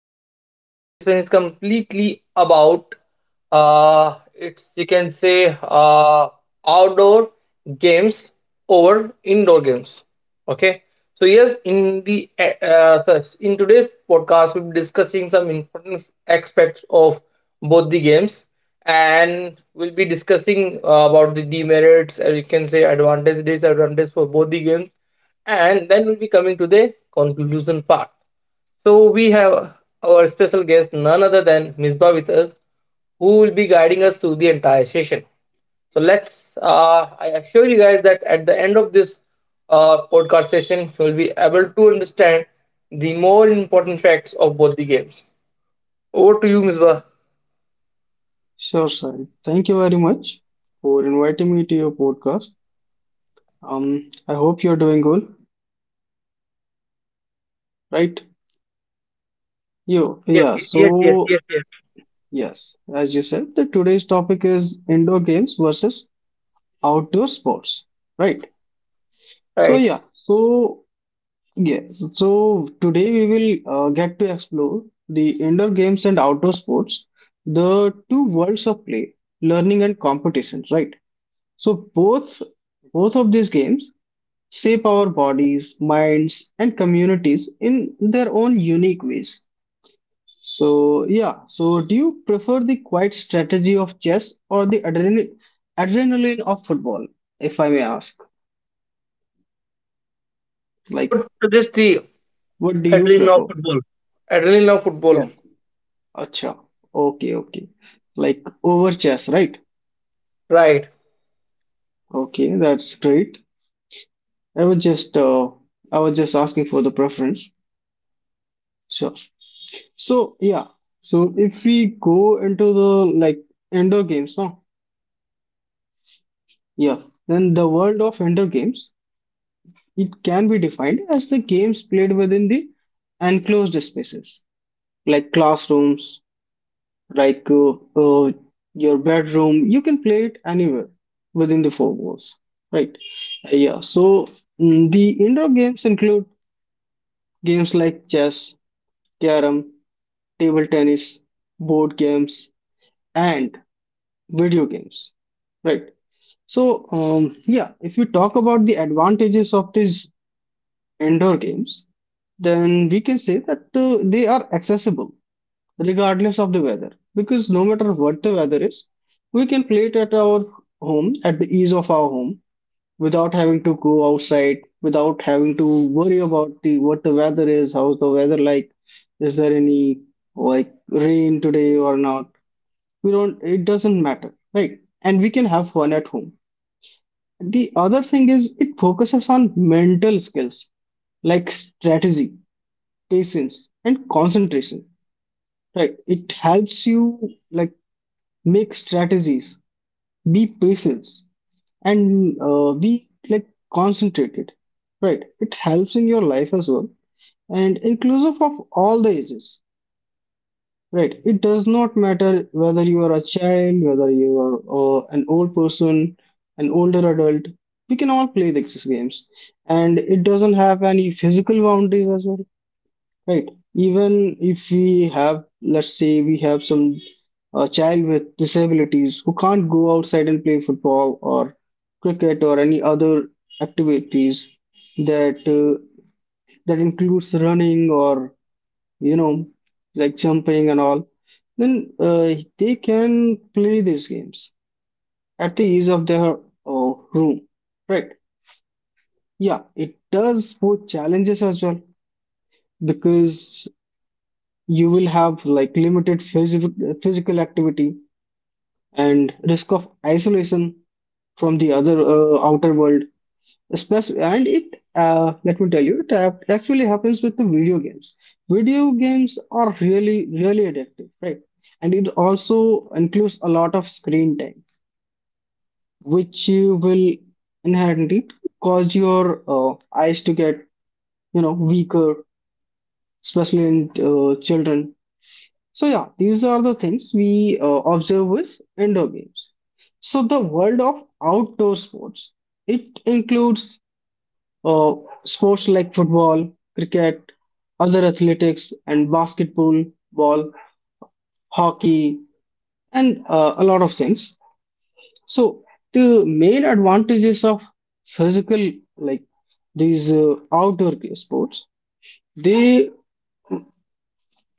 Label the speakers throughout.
Speaker 1: Today's podcast session is completely about it's you can say outdoor games over indoor games. Okay. So yes, in the so in today's podcast we'll be discussing some important aspects of both the games, and we'll be discussing about the demerits, or you can say advantage, disadvantage for both the games, and then we'll be coming to the conclusion part. So we have our special guest, none other than Misbah with us, who will be guiding us through the entire session. So I assure you guys that at the end of this podcast session, you will be able to understand the more important facts of both the games. Over to you, Misbah.
Speaker 2: Sure, Sahil. Thank you very much for inviting me to your podcast. I hope you're doing good, right?
Speaker 1: Yes,
Speaker 2: Yeah.
Speaker 1: yes, yes,
Speaker 2: So,
Speaker 1: yes, yes.
Speaker 2: yes, as you said, the today's topic is indoor games versus outdoor sports, right? So,
Speaker 1: Right.
Speaker 2: yeah. So, yes. So today we will get to explore the indoor games and outdoor sports, the two worlds of play, learning and competitions, right? So both of these games shape our bodies, minds, and communities in their own unique ways. So, yeah, so do you prefer the quiet strategy of chess or the adrenaline of football, if I may ask?
Speaker 1: I
Speaker 2: Like,
Speaker 1: would suggest the
Speaker 2: what do you
Speaker 1: adrenaline of
Speaker 2: prefer?
Speaker 1: football. Adrenaline of football.
Speaker 2: Yes. Acha. Okay, okay. Like over chess, right?
Speaker 1: Right.
Speaker 2: Okay, that's great. I was just uh, I was just asking for the preference. Sure. So yeah. So if we go into the like indoor games, no? Yeah, then the world of indoor games, it can be defined as the games played within the enclosed spaces, like classrooms, like uh, your bedroom. You can play it anywhere within the four walls, right? Yeah, so the indoor games include games like chess, carom, table tennis, board games, and video games, right? So, yeah, if you talk about the advantages of these indoor games, then we can say that they are accessible regardless of the weather. Because no matter what the weather is, we can play it at our home, at the ease of our home, without having to go outside, without having to worry about the what the weather is, how's the weather like, is there any like rain today or not. We don't, it doesn't matter, right? And we can have fun at home. The other thing is it focuses on mental skills like strategy, patience, and concentration, right? It helps you, like, make strategies, be patient, and be, like, concentrated, right? It helps in your life as well, and inclusive of all the ages, right? It does not matter whether you are a child, whether you are an old person, an older adult, we can all play these games, and it doesn't have any physical boundaries as well. Right. Even if we have, let's say, we have some a child with disabilities who can't go outside and play football or cricket or any other activities that uh, that includes running or, you know, like jumping and all, then they can play these games at the ease of their room. Right. Yeah, it does pose challenges as well, because you will have, like, limited physical activity and risk of isolation from the other outer world, especially. And it, let me tell you, it actually happens with the video games. Video games are really really addictive, right? And it also includes a lot of screen time, which you will inherently cause your eyes to get, you know, weaker, especially in children. So yeah, these are the things we observe with indoor games. So the world of outdoor sports, it includes uh, sports like football, cricket, other athletics, and basketball, ball, hockey, and a lot of things. So the main advantages of physical, like, these outdoor sports, they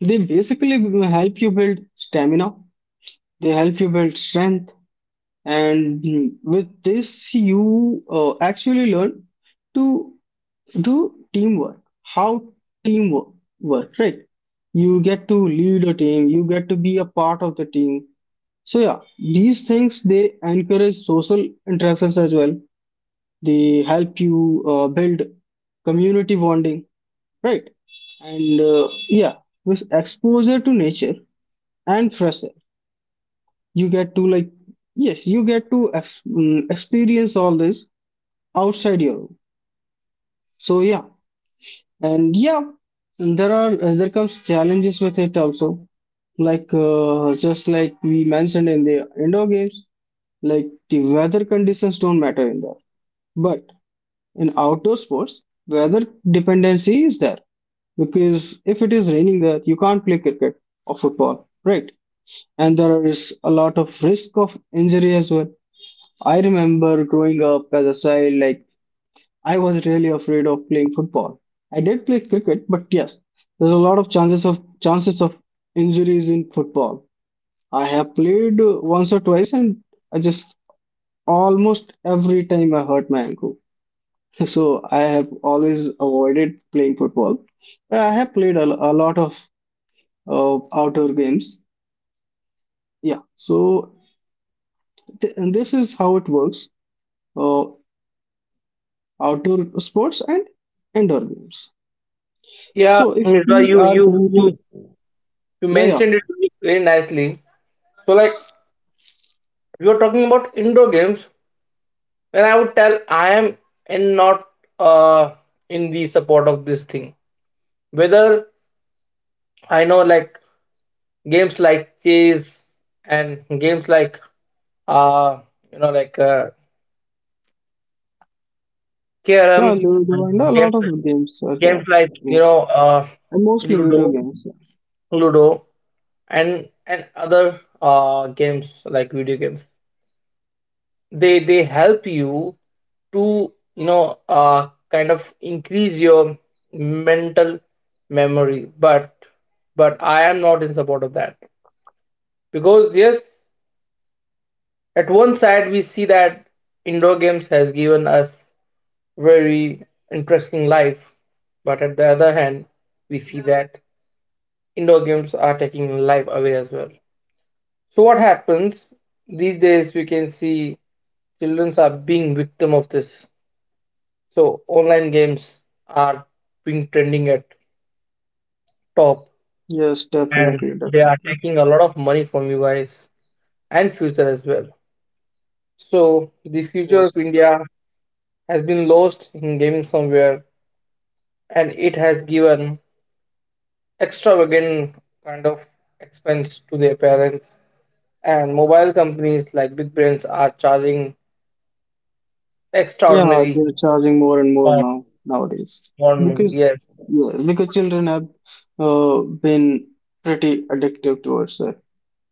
Speaker 2: they basically help you build stamina. They help you build strength. And with this, you actually learn to do teamwork, how teamwork work, right? You get to lead a team, you get to be a part of the team. So yeah, these things, they encourage social interactions as well. They help you build community bonding, right? And yeah, with exposure to nature and fresh air, you get to, like, yes, you get to experience all this outside Europe. So yeah, and yeah, and there are there comes challenges with it also, like, just like we mentioned in the indoor games, like, the weather conditions don't matter in there. But in outdoor sports, weather dependency is there, because if it is raining there, you can't play cricket or football, right? And there is a lot of risk of injury as well. I remember growing up as a child, like, I was really afraid of playing football. I did play cricket, but yes, there's a lot of chances of injuries in football. I have played once or twice, and I just almost every time I hurt my ankle. So I have always avoided playing football. But I have played a lot of outdoor games. Yeah. So and this is how it works: uh, outdoor sports and indoor games.
Speaker 1: Yeah,
Speaker 2: So if
Speaker 1: Mirza,
Speaker 2: we
Speaker 1: you
Speaker 2: are
Speaker 1: you
Speaker 2: going
Speaker 1: you
Speaker 2: to.
Speaker 1: you
Speaker 2: Yeah, yeah.
Speaker 1: mentioned it very nicely. So like you're talking about indoor games, and I would tell I am in not uh in the support of this thing. Whether I know, like games like chess and games like uh you know like uh carom,
Speaker 2: Yeah,
Speaker 1: and
Speaker 2: Ludo and a lot
Speaker 1: games
Speaker 2: of games are
Speaker 1: games
Speaker 2: there.
Speaker 1: like
Speaker 2: Yeah. And mostly video
Speaker 1: ludo,
Speaker 2: games.
Speaker 1: ludo and other games like video games, they help you to kind of increase your mental memory. But I am not in support of that, because yes, at one side we see that indoor games has given us very interesting life, but at the other hand we see that indoor games are taking life away as well. So what happens, these days we can see children are being victim of this. So online games are being trending at top,
Speaker 2: Yeah. Yes,
Speaker 1: and
Speaker 2: definitely,
Speaker 1: they are
Speaker 2: definitely.
Speaker 1: taking a lot of money from you guys and future as well. So the future of
Speaker 2: Yes.
Speaker 1: India has been lost in gaming somewhere, and it has given extravagant kind of expense to their parents, and mobile companies like big brands are charging
Speaker 2: Yeah,
Speaker 1: extraordinary
Speaker 2: they're charging more and more
Speaker 1: for
Speaker 2: now nowadays.
Speaker 1: for me.
Speaker 2: Because,
Speaker 1: Yes,
Speaker 2: yeah, because children have been pretty addictive towards it,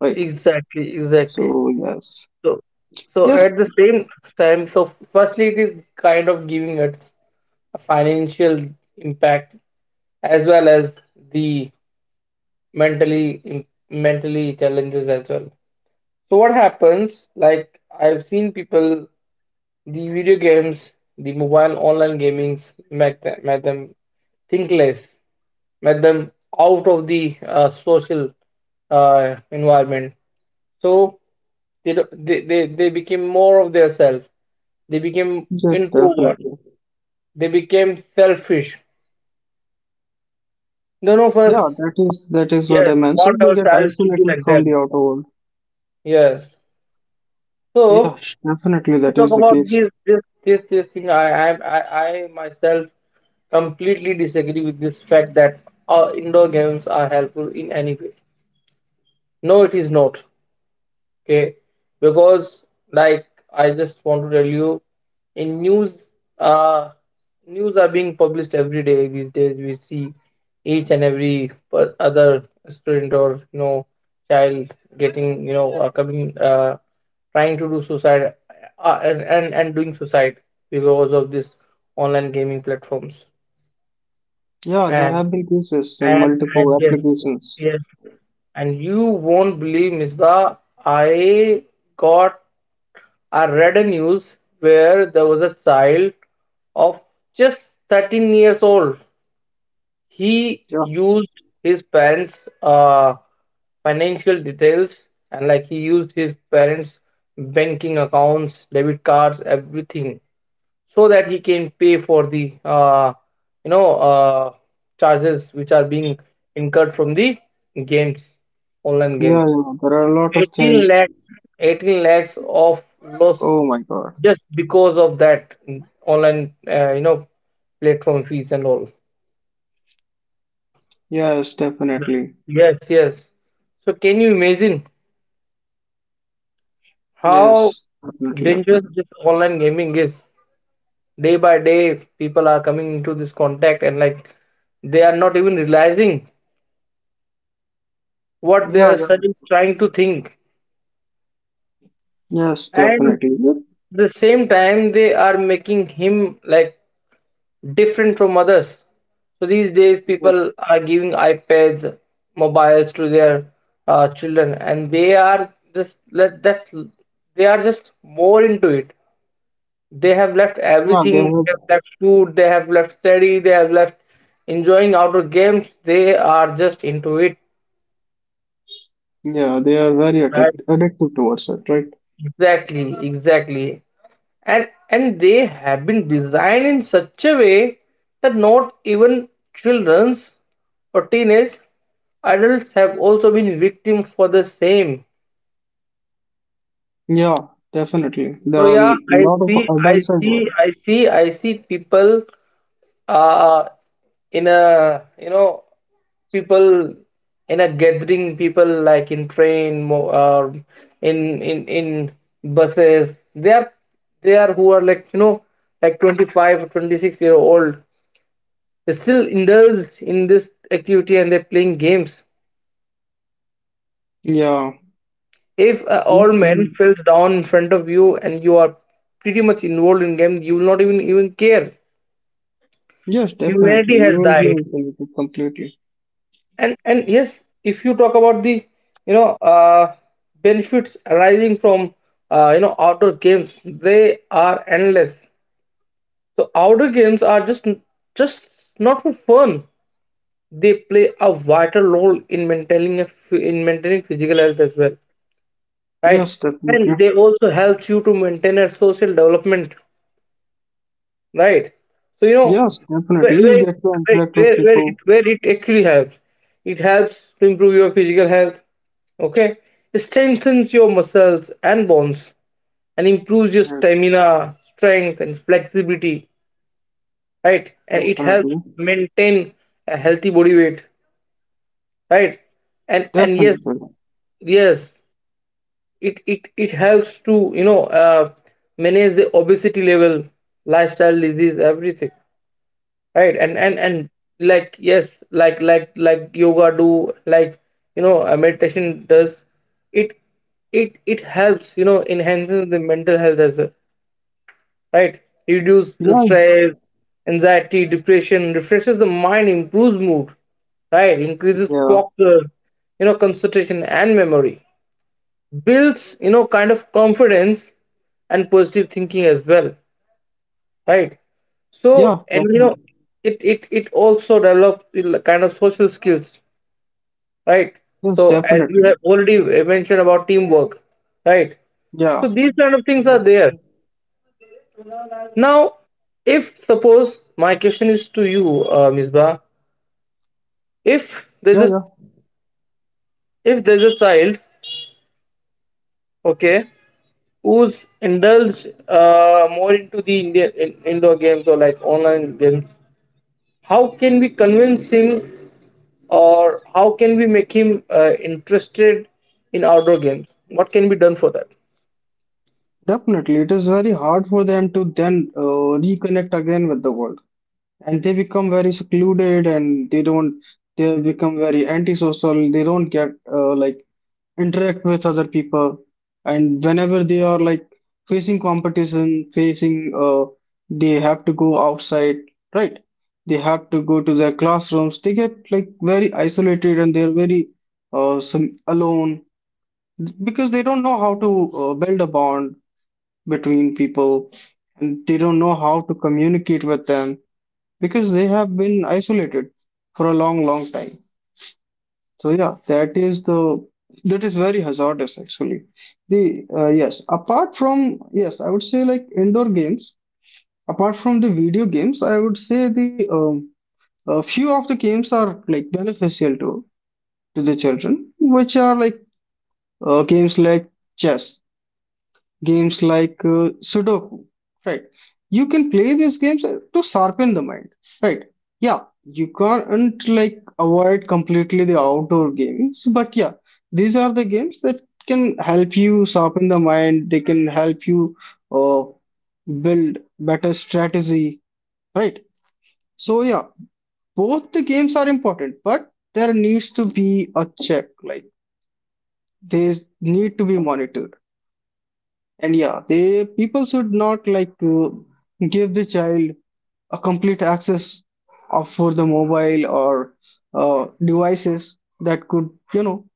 Speaker 2: right?
Speaker 1: exactly, exactly.
Speaker 2: So yes.
Speaker 1: So,
Speaker 2: Yes,
Speaker 1: at the same time, so firstly, it is kind of giving us a financial impact, as well as the mentally mentally challenges as well. So what happens? Like, I've seen people, the video games, the mobile online gamings make them think less, make them out of the social environment. So they do- they became more of their self, they became
Speaker 2: yes,
Speaker 1: introvert,
Speaker 2: definitely.
Speaker 1: they became selfish. None of
Speaker 2: Yeah,
Speaker 1: us,
Speaker 2: that is, that is what I
Speaker 1: yes,
Speaker 2: meant. So
Speaker 1: want
Speaker 2: they get
Speaker 1: ourselves to be
Speaker 2: isolated
Speaker 1: like
Speaker 2: from
Speaker 1: them.
Speaker 2: the outer world.
Speaker 1: Yes. So
Speaker 2: Yeah, definitely
Speaker 1: we
Speaker 2: that
Speaker 1: talk
Speaker 2: is the
Speaker 1: about this,
Speaker 2: case.
Speaker 1: this. this this thing. I myself completely disagree with this fact that indoor games are helpful in any way. No, it is not. Okay, because like, I just want to tell you, in news, uh news are being published every day. These days we see each and every other student, or you know, child getting, you know coming trying to do suicide, and doing suicide because of this online gaming platforms.
Speaker 2: Yeah, there
Speaker 1: And
Speaker 2: have been cases in
Speaker 1: and
Speaker 2: multiple
Speaker 1: Yes,
Speaker 2: applications.
Speaker 1: yes. And you won't believe, Misbah, I got I read a news where there was a child of just 13 years old. He
Speaker 2: Yeah,
Speaker 1: used his parents' financial details, and like, he used his parents' banking accounts, debit cards, everything, so that he can pay for the you know uh, charges which are being incurred from the games, online
Speaker 2: yeah,
Speaker 1: games.
Speaker 2: yeah. There are a lot of
Speaker 1: 18
Speaker 2: things.
Speaker 1: lakhs, 18 lakhs of loss,
Speaker 2: Oh my God.
Speaker 1: just because of that online platform fees and all.
Speaker 2: Yes,
Speaker 1: Yeah,
Speaker 2: definitely.
Speaker 1: yes, yes. So can you imagine how
Speaker 2: Yes, definitely,
Speaker 1: dangerous
Speaker 2: definitely.
Speaker 1: this online gaming is? Day by day people are coming into this contact, and like, they are not even realizing what
Speaker 2: Yeah,
Speaker 1: their
Speaker 2: yeah.
Speaker 1: son is trying to think.
Speaker 2: Yes,
Speaker 1: And
Speaker 2: definitely. Yes,
Speaker 1: the same time they are making him like different from others. So these days,
Speaker 2: yes.
Speaker 1: people are giving iPads, mobiles to their children, and they are just more into it. They have left
Speaker 2: Yeah, they
Speaker 1: everything.
Speaker 2: have.
Speaker 1: They have left food. They have left study. They have left enjoying outdoor games. They are just into it.
Speaker 2: Yeah, they are very
Speaker 1: Right.
Speaker 2: addictive towards it, right?
Speaker 1: Exactly. Exactly. And they have been designed in such a way that not even children's or teenage adults have also been victims for the same.
Speaker 2: Yeah, definitely. There
Speaker 1: So
Speaker 2: are
Speaker 1: yeah,
Speaker 2: a
Speaker 1: i
Speaker 2: lot
Speaker 1: see
Speaker 2: of
Speaker 1: i
Speaker 2: adults as well.
Speaker 1: see i see i see people, uh in a, you know, people in a gathering, people like in train, in buses, they are, who are like, you know, like 25 or 26-year old. They still indulge in this activity and they're playing games.
Speaker 2: Yeah.
Speaker 1: If an old
Speaker 2: Yes,
Speaker 1: man
Speaker 2: then-
Speaker 1: falls down in front of you and you are pretty much involved in game, you will not even care.
Speaker 2: yes, definitely.
Speaker 1: Humanity
Speaker 2: You
Speaker 1: has
Speaker 2: will be
Speaker 1: died.
Speaker 2: isolated completely.
Speaker 1: And yes, if you talk about the you know uh, benefits arising from outdoor games, they are endless. So outdoor games are just not for fun. They play a vital role in in maintaining physical health as well. Right.
Speaker 2: Yes,
Speaker 1: And
Speaker 2: definitely.
Speaker 1: they also helps you to maintain a social development. Right. So you know,
Speaker 2: Yes,
Speaker 1: where
Speaker 2: definitely. You
Speaker 1: where,
Speaker 2: get to interact with people.
Speaker 1: where it actually helps, it helps to improve your physical health. Okay, it strengthens your muscles and bones, and improves your
Speaker 2: Yes,
Speaker 1: stamina, strength and flexibility. Right. And it helps
Speaker 2: definitely.
Speaker 1: maintain a healthy body weight. Right. And yes,
Speaker 2: Definitely.
Speaker 1: yes, it it helps to, you know, manage the obesity level, lifestyle disease, everything. Right. And like, yes, like like yoga do, like, you know, meditation does, it it helps, you know, enhances the mental health as well. Right. Reduce
Speaker 2: Yeah.
Speaker 1: stress, anxiety, depression, refreshes the mind, improves mood, right, increases
Speaker 2: Yeah,
Speaker 1: focus, you know, concentration, and memory, builds, you know, kind of confidence and positive thinking as well. Right. So,
Speaker 2: yeah,
Speaker 1: and you know,
Speaker 2: definitely.
Speaker 1: it also develops the kind of social skills. Right.
Speaker 2: Yes,
Speaker 1: So, as you
Speaker 2: definitely.
Speaker 1: have already mentioned about teamwork, right, so
Speaker 2: Yeah.
Speaker 1: these kind of things are
Speaker 2: Yep.
Speaker 1: there. Now if suppose my question is to you, Misbah, if there's
Speaker 2: Yeah,
Speaker 1: a
Speaker 2: yeah,
Speaker 1: if there's a child, okay, who's indulged more into the indoor games or like online games, how can we convince him, or how can we make him interested in outdoor games? What can be done for that?
Speaker 2: definitely. It is very hard for them to then reconnect again with the world, and they become very secluded, and they don't. They become very antisocial. They don't get like interact with other people. And whenever they are, like, facing competition, facing, uh, they have to go outside, right? They have to go to their classrooms. They get, like, very isolated, and they're very, some alone, because they don't know how to build a bond between people, and they don't know how to communicate with them, because they have been isolated for a long long time. So yeah, that is the, that is very hazardous actually. The, yes, apart from, yes, I would say, like, indoor games. Apart from the video games, I would say the a few of the games are, like, beneficial to the children, which are, like, games like chess, games like Sudoku, right? You can play these games to sharpen the mind, right? Yeah, you can't, like, avoid completely the outdoor games, but yeah, these are the games that can help you sharpen the mind. They can help you uh, build better strategy, right? So yeah, both the games are important, but there needs to be a check. Like, they need to be monitored. And yeah, they, people should not, like, to give the child a complete access of for the mobile or devices that could you know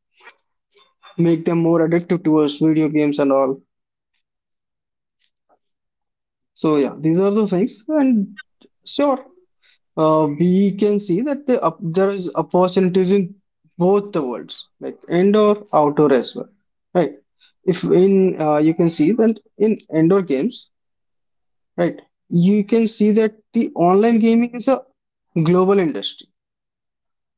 Speaker 2: make them more addictive towards video games and all. So yeah, these are the things. And sure, we can see that the, up there is opportunities in both the worlds, like indoor, outdoor as well, right? If in you can see that in indoor games, right? You can see that the online gaming is a global industry,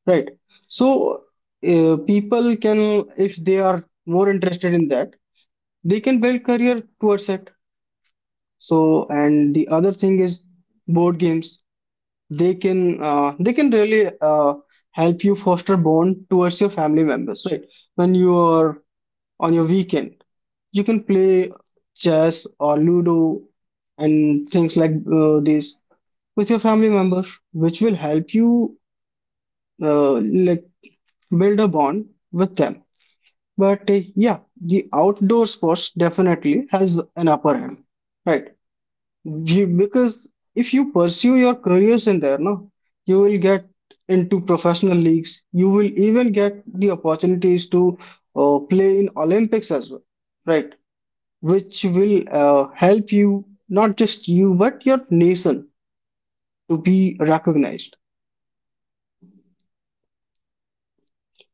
Speaker 2: right? So people can, if they are more interested in that, they can build career towards it. So and the other thing is board games. They can really help you foster bond towards your family members, right? When you are on your weekend, you can play chess or Ludo and things like this with your family members, which will help you uh, like build a bond with them. But yeah, the outdoor sports definitely has an upper hand, right? You, because if you pursue your careers in there, no, you will get into professional leagues. You will even get the opportunities to play in Olympics as well, right? Which will help you, not just you, but your nation to be recognized.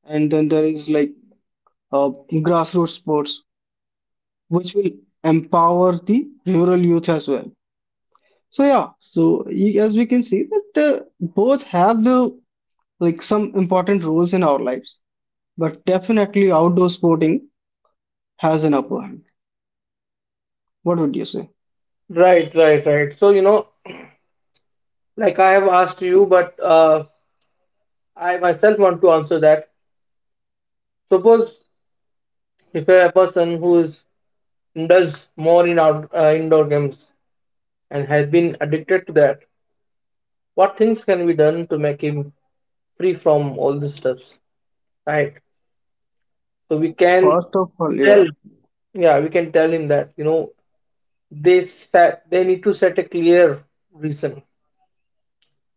Speaker 2: And then there is, like, uh, grassroots sports, which will empower the rural youth as well. So yeah, so as we can see that both have the, like, some important roles in our lives, but definitely outdoor sporting has an upper hand. What would you say?
Speaker 1: Right, right, right. So, you know, like I have asked you, but I myself want to answer that. Suppose if a person who is does more in indoor games and has been addicted to that, what things can be done to make him free from all the stuffs, right? So we
Speaker 2: Yes.
Speaker 1: can
Speaker 2: First of all,
Speaker 1: tell,
Speaker 2: yeah,
Speaker 1: yeah, we can tell him that, you know, they need to set a clear reason.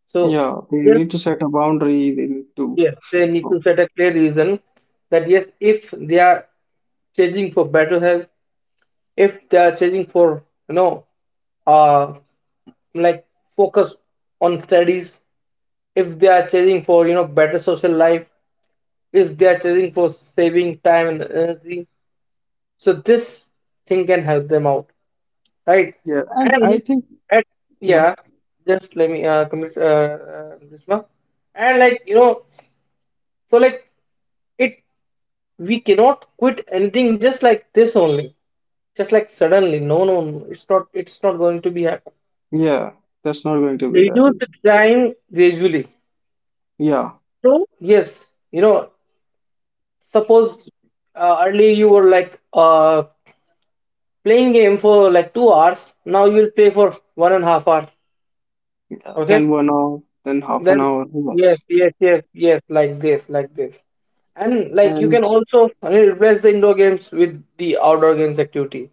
Speaker 1: So
Speaker 2: yeah, they
Speaker 1: yes,
Speaker 2: need to set a boundary. They need to,
Speaker 1: yes, they need to
Speaker 2: oh,
Speaker 1: set a clear reason, that yes, if they are changing for better health, if they are changing for, you know, uh, like focus on studies, if they are changing for, you know, better social life, if they are changing for saving time and energy. So this thing can help them out, right?
Speaker 2: yeah, and I
Speaker 1: And
Speaker 2: think,
Speaker 1: at
Speaker 2: yeah,
Speaker 1: yeah, just let me complete, Grishma. And like, you know, so like it, we cannot quit anything just like this only, just like suddenly. No, no, no, it's not. It's not going to be happen.
Speaker 2: yeah, that's not going to be that
Speaker 1: Reduce the
Speaker 2: easy.
Speaker 1: time gradually.
Speaker 2: Yeah,
Speaker 1: So yes, you know, suppose earlier you were like playing game for like 2 hours. Now you'll play for 1.5 hours.
Speaker 2: yeah,
Speaker 1: Okay.
Speaker 2: then 1 hour, then half
Speaker 1: Well,
Speaker 2: an hour,
Speaker 1: yes,
Speaker 2: yes,
Speaker 1: yes, yes, yes, like this, like this. And like you
Speaker 2: and
Speaker 1: can also, I mean, replace the indoor games with the outdoor games activity,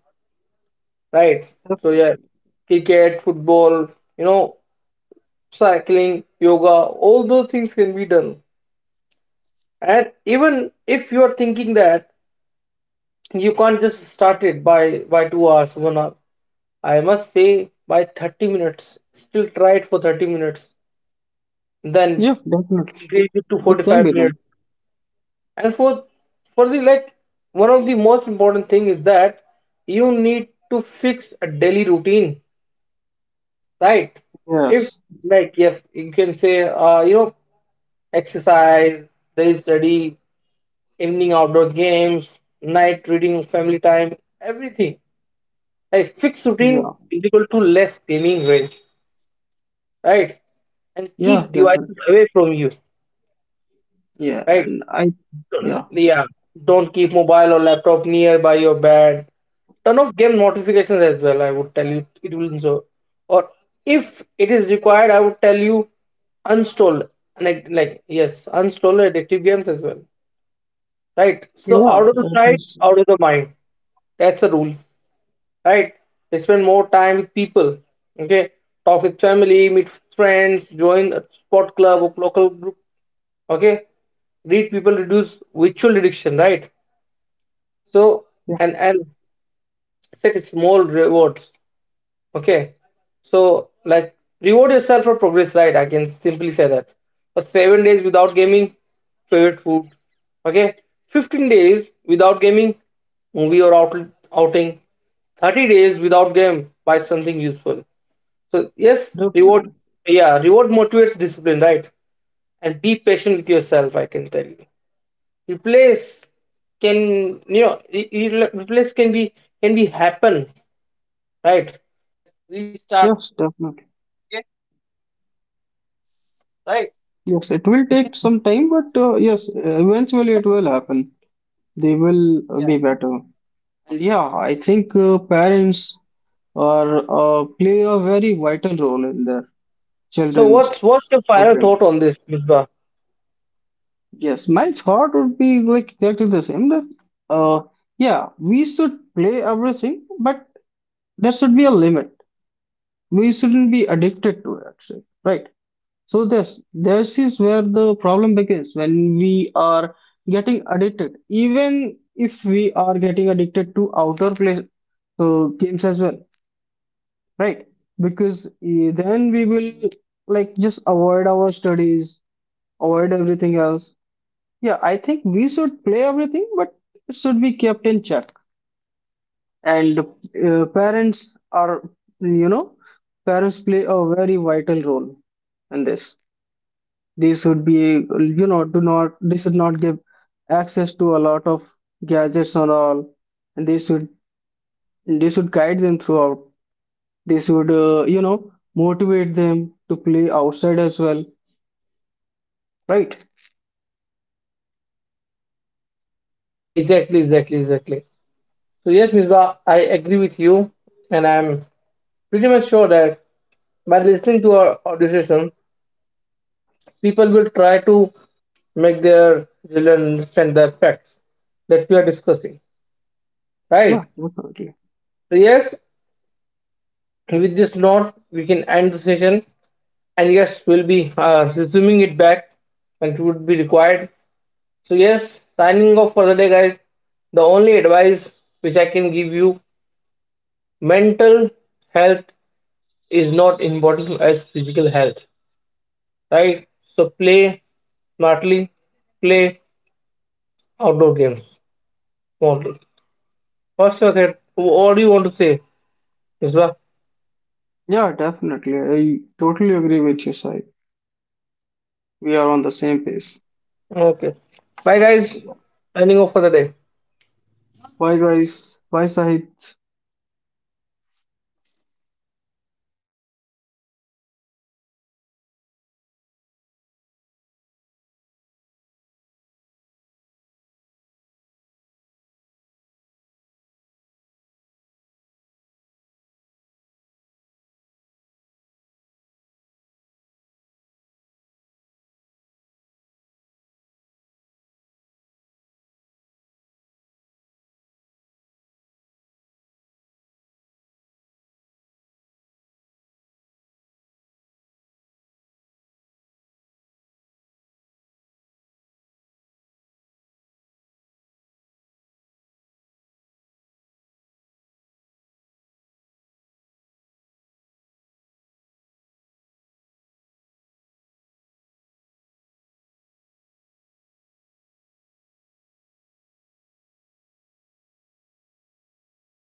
Speaker 1: right? So yeah,
Speaker 2: definitely,
Speaker 1: cricket, football, you know, cycling, yoga, all those things can be done. And even if you are thinking that you can't just start it by 2 hours, 1 hour, I must say by 30 minutes, still try it for 30 minutes, then
Speaker 2: yeah, definitely,
Speaker 1: increase it to
Speaker 2: it can
Speaker 1: 45
Speaker 2: be done.
Speaker 1: minutes. And for the, like, one of the most important thing is that you need to fix a daily routine, right? If,
Speaker 2: Yes.
Speaker 1: like, yes, you can say, exercise, daily study, evening outdoor games, night reading, family time, everything, like fixed routine
Speaker 2: Yeah.
Speaker 1: is equal to less gaming range. Right. And
Speaker 2: Yeah,
Speaker 1: keep devices
Speaker 2: definitely.
Speaker 1: away from you.
Speaker 2: Yeah,
Speaker 1: Right.
Speaker 2: and I, yeah,
Speaker 1: Yeah, don't keep mobile or laptop nearby your bed. Turn off game notifications as well. I would tell you, it will so. Or if it is required, I would tell you, uninstall. Like, yes, uninstall addictive games as well. Right. So
Speaker 2: yeah,
Speaker 1: out of the
Speaker 2: that
Speaker 1: sight,
Speaker 2: is,
Speaker 1: out of the mind. That's the rule, right? They spend more time with people. Okay, talk with family, meet friends, join a sport club or local group. Okay, read people, reduce virtual addiction, right? So,
Speaker 2: yeah,
Speaker 1: and set small rewards. Okay. So like, reward yourself for progress, right? I can simply say that. But 7 days without gaming, favorite food. Okay. 15 days without gaming, movie or outing. 30 days without game, buy something useful. So yes, reward,
Speaker 2: definitely.
Speaker 1: yeah, reward motivates discipline, right? And be patient with yourself, I can tell you, replace, can you know it it replace can be, happen, right?
Speaker 2: Yes, definitely. Yes, it will take some time, but yes, eventually it will happen. They will be better. And yeah, I think parents are play a very vital role in their
Speaker 1: So
Speaker 2: children's
Speaker 1: what's your final
Speaker 2: upbringing.
Speaker 1: thought on this, Misbah?
Speaker 2: Yes, my thought would be like exactly the same that, uh, yeah, we should play everything, but there should be a limit. We shouldn't be addicted to it, actually, right? So this is where the problem begins, when we are getting addicted, even if we are getting addicted to outer place games as well, right? Because then we will, like, just avoid our studies, avoid everything else. Yeah, I think we should play everything, but it should be kept in check. And parents are, you know, parents play a very vital role in this. They should be, you know, do not, they should not give access to a lot of gadgets and all. And they should, they should guide them throughout. They should, motivate them to play outside as well, right?
Speaker 1: Exactly, exactly, exactly. So yes, Misbah, I agree with you, and I'm pretty much sure that by listening to our decision, people will try to make their children understand the facts that we are discussing,
Speaker 2: Yeah,
Speaker 1: right?
Speaker 2: definitely.
Speaker 1: So yes, with this note, we can end the session, and yes, we'll be resuming it back, and it would be required. So, yes, signing off for the day, guys. The only advice which I can give you: mental health is not important as physical health, right? So, play smartly, play outdoor games. Want- What's your head? What do you want to say, Isla?
Speaker 2: Yeah, definitely, I totally agree with you, Sai. We are on the same page.
Speaker 1: Okay. Bye, guys.
Speaker 2: Yeah.
Speaker 1: Signing off for the day.
Speaker 2: Bye, guys. Bye, Sahid.